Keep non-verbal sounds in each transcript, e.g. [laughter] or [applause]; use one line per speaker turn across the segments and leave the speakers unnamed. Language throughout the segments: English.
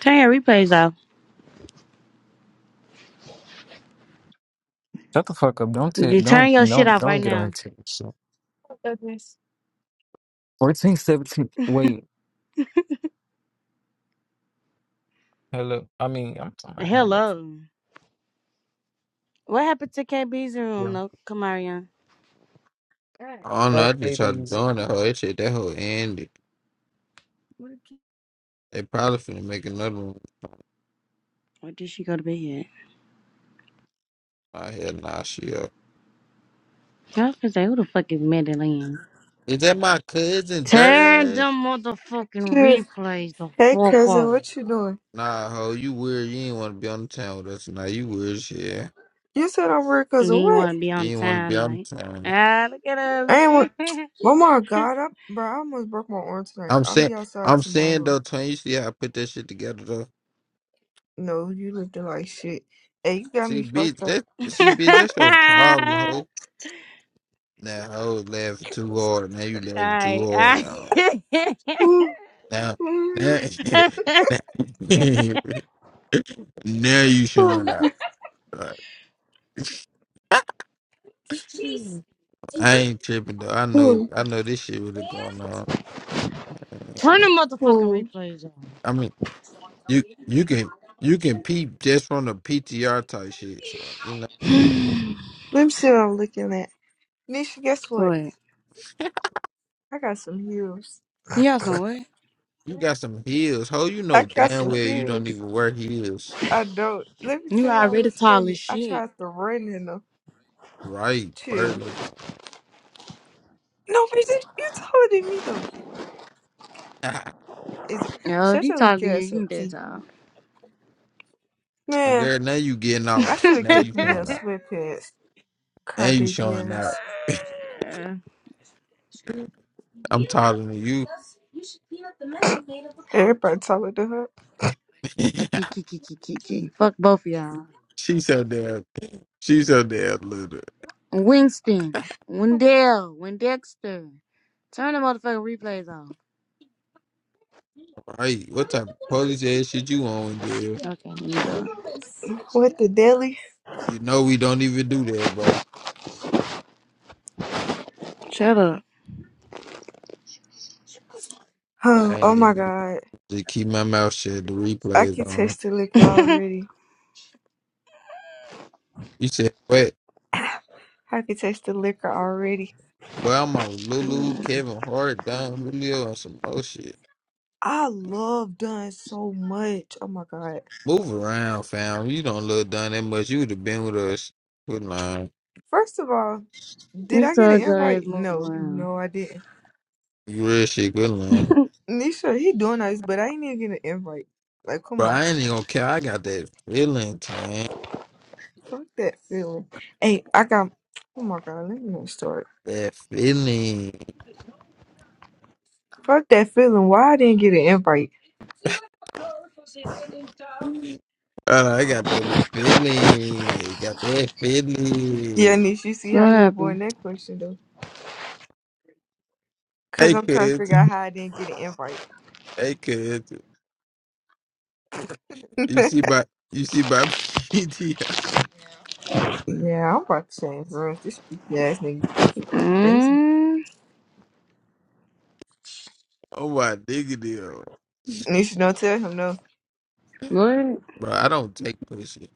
Turn your replays off.
Shut the fuck up. Don't t-
You turn
don't
your shit
don't
off right
don't get on her
now.
tip. So. 14, seventeen. Wait. Hello. I mean, I'm talking about hello.
Hello. What happened to KB's room,
Yeah.
no Kamarion?
I don't know.
Right,
I just tried to
babies.
join that whole. That shit, that whole ended. They probably finna make another one.
Where did she go to bed yet?
I had nah, she up.
I was gonna say, who the fuck is Madeline?
Is that my cousin,
Turn
dirt ass?
them
Shit.
motherfucking replays the
Hey,
fuck
cousin,
off.
what you doing?
Nah, ho, you weird. You ain't want to be on the town with us. Nah, you weird shit.
You said I'm weird,
You
cousin.
ain't
What?
wanna be
You
on
ain't want to be
time
on
night.
the town.
Ah, look at us.
I ain't want. Oh my god, I, bro, I almost broke my arm tonight.
I'm
I'll
saying,
be outside
I'm saying
tomorrow.
though, Tony. You see how I put that shit together though?
No, you looking like shit. Hey, you got
See,
me fucked
bitch,
up.
that see, bitch, that's your problem, ho.
[laughs]
Now, ho, laughing too hard. Now you laughing too
Alright,
hard.
alright. [laughs]
Now,
Ooh,
now,
ooh,
now, [laughs] now you showing out.
ooh,
Like, I ain't tripping though. I know
ooh,
I know this shit really going on.
Turn the motherfucking
ooh.
replays off.
I mean, you you can you can peep just from the PTR type shit. So, you know,
Let me see what I'm looking at. Nisha, guess what?
What?
I got some heels.
You got some what?
you got some heels. Ho, you
I
know
got
damn
some
well you don't
heels.
even wear heels.
I don't. Let me
You
tell y'all
already
what's
tall as
funny. I
shit.
tried to run in them.
Right,
Chill.
Burley.
No, but you you taller than me though.
Ah,
Is it
Yo, if
shut
he
your
talk
weak
to you,
ass
you
up,
ain't that
see?
tall.
[laughs]
Man,
Girl, now you getting
I
off.
should have
Now
kept
you
them damn
showing out.
sweatpants,
Now you showing
crybaby
out.
ass.
Uh,
I'm taller than you.
Everybody talking to her.
A kiki kiki kiki. Fuck both of y'all.
[laughs] she so damn. She so damn little.
Winston, Wendell, Wendexter. Turn the motherfucking replays off.
Right. What type of police ass shit you on,
Okay, let me do it.
What the deli?
You know we don't even do that, bro.
Shut up.
I
Oh, oh
ain't
my
even
god.
just keep my mouth shut. The
I
replays
can
on.
taste the liquor already.
You said what?
[clears throat] I can taste the liquor already.
Well, I'm on Lulu,
Mm.
Kevin Hart, Don Julio, and some more shit.
I love Dunn so much. Oh my god.
Move around, fam. You don't look done that much. You would have been with us. Good line.
First of all, did
You
I get an
told your ass
invite?
move
No,
around.
no, I didn't.
You real shit. Good line,
Nisha, he doing nice, but I ain't even get an invite. Like, come
bro.
on.
I ain't even gonna care. I got that feeling, man.
Fuck that feeling. Hey, I got. Oh my god, let me not start.
That feeling.
Fuck that feeling. Why I didn't get an invite?
Uh, I got that feeling. Got that
Yeah,
feeling.
Nish, you see how
What
he
happened?
avoiding that question though? Cause
Hey,
I'm trying to figure
kids.
out how I didn't get an invite.
Hey, kids.
[laughs]
You see by you see by [laughs] PTI.
yeah, I'm about to change rooms. This stupid ass nigga, he going crazy.
Mm.
Oh my nigga deal.
Nish, don't tell him no.
What?
Bro, I don't take pussy.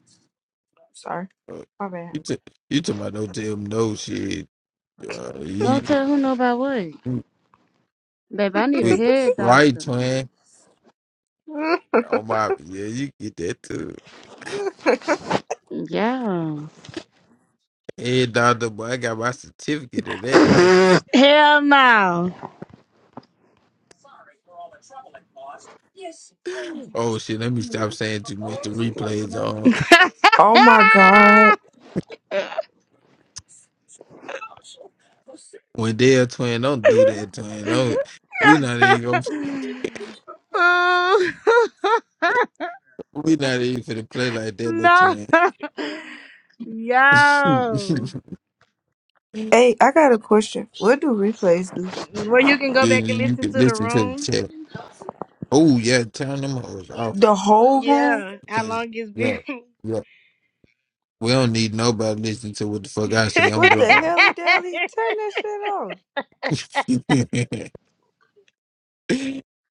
Sorry,
Bro,
my bad.
You t- you talking about no damn no shit. Uh,
Don't
you,
tell who know about what.
you-
Babe, I need a
wait,
head
right,
doctor.
twin. Oh my yeah, you get that too.
[laughs]
Yeah.
And Dr. Boy, I got my certificate and that license.
Hell no.
Oh shit, let me stop saying too much. The replays on.
oh my god.
When they're twin, don't do that, twin. Don't we not even gonna,
[laughs] [laughs]
we not even finna play like that, little
No.
twin.
[laughs] Yo.
[laughs]
Hey, I got a question. What do replays do?
Well, you can go
You,
back and
you
listen
can
to the
listen to the
room.
chat. Oh yeah, turn them hoes off
The whole room?
Yeah. How
because
long it's
yeah,
been.
yeah. We don't need nobody listening to what the fuck I say. I'm
What the
drunk. [laughs]
hell, Dally?
[laughs]
Turn that shit off.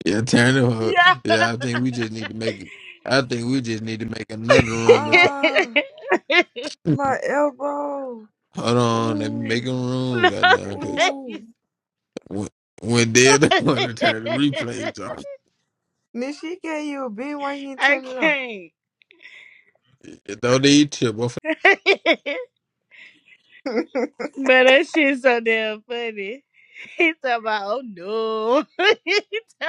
yeah, turn them up.
yeah.
Yeah, I think we
[laughs]
just need to make it. I think we just need to make another room or something.
Ah, my elbow.
[laughs] Hold on, let me make
Ooh,
a room,
no,
goddamn, because
ooh.
please.
when, when they're the [laughs] one to turn the replays off,
Nish, she gave you a bean. Why you
[laughs]
ain't
I
turn it off?
can't.
it don't need to.
[laughs]
[laughs]
but that shit's so damn funny. [laughs] He talking about, oh no. [laughs]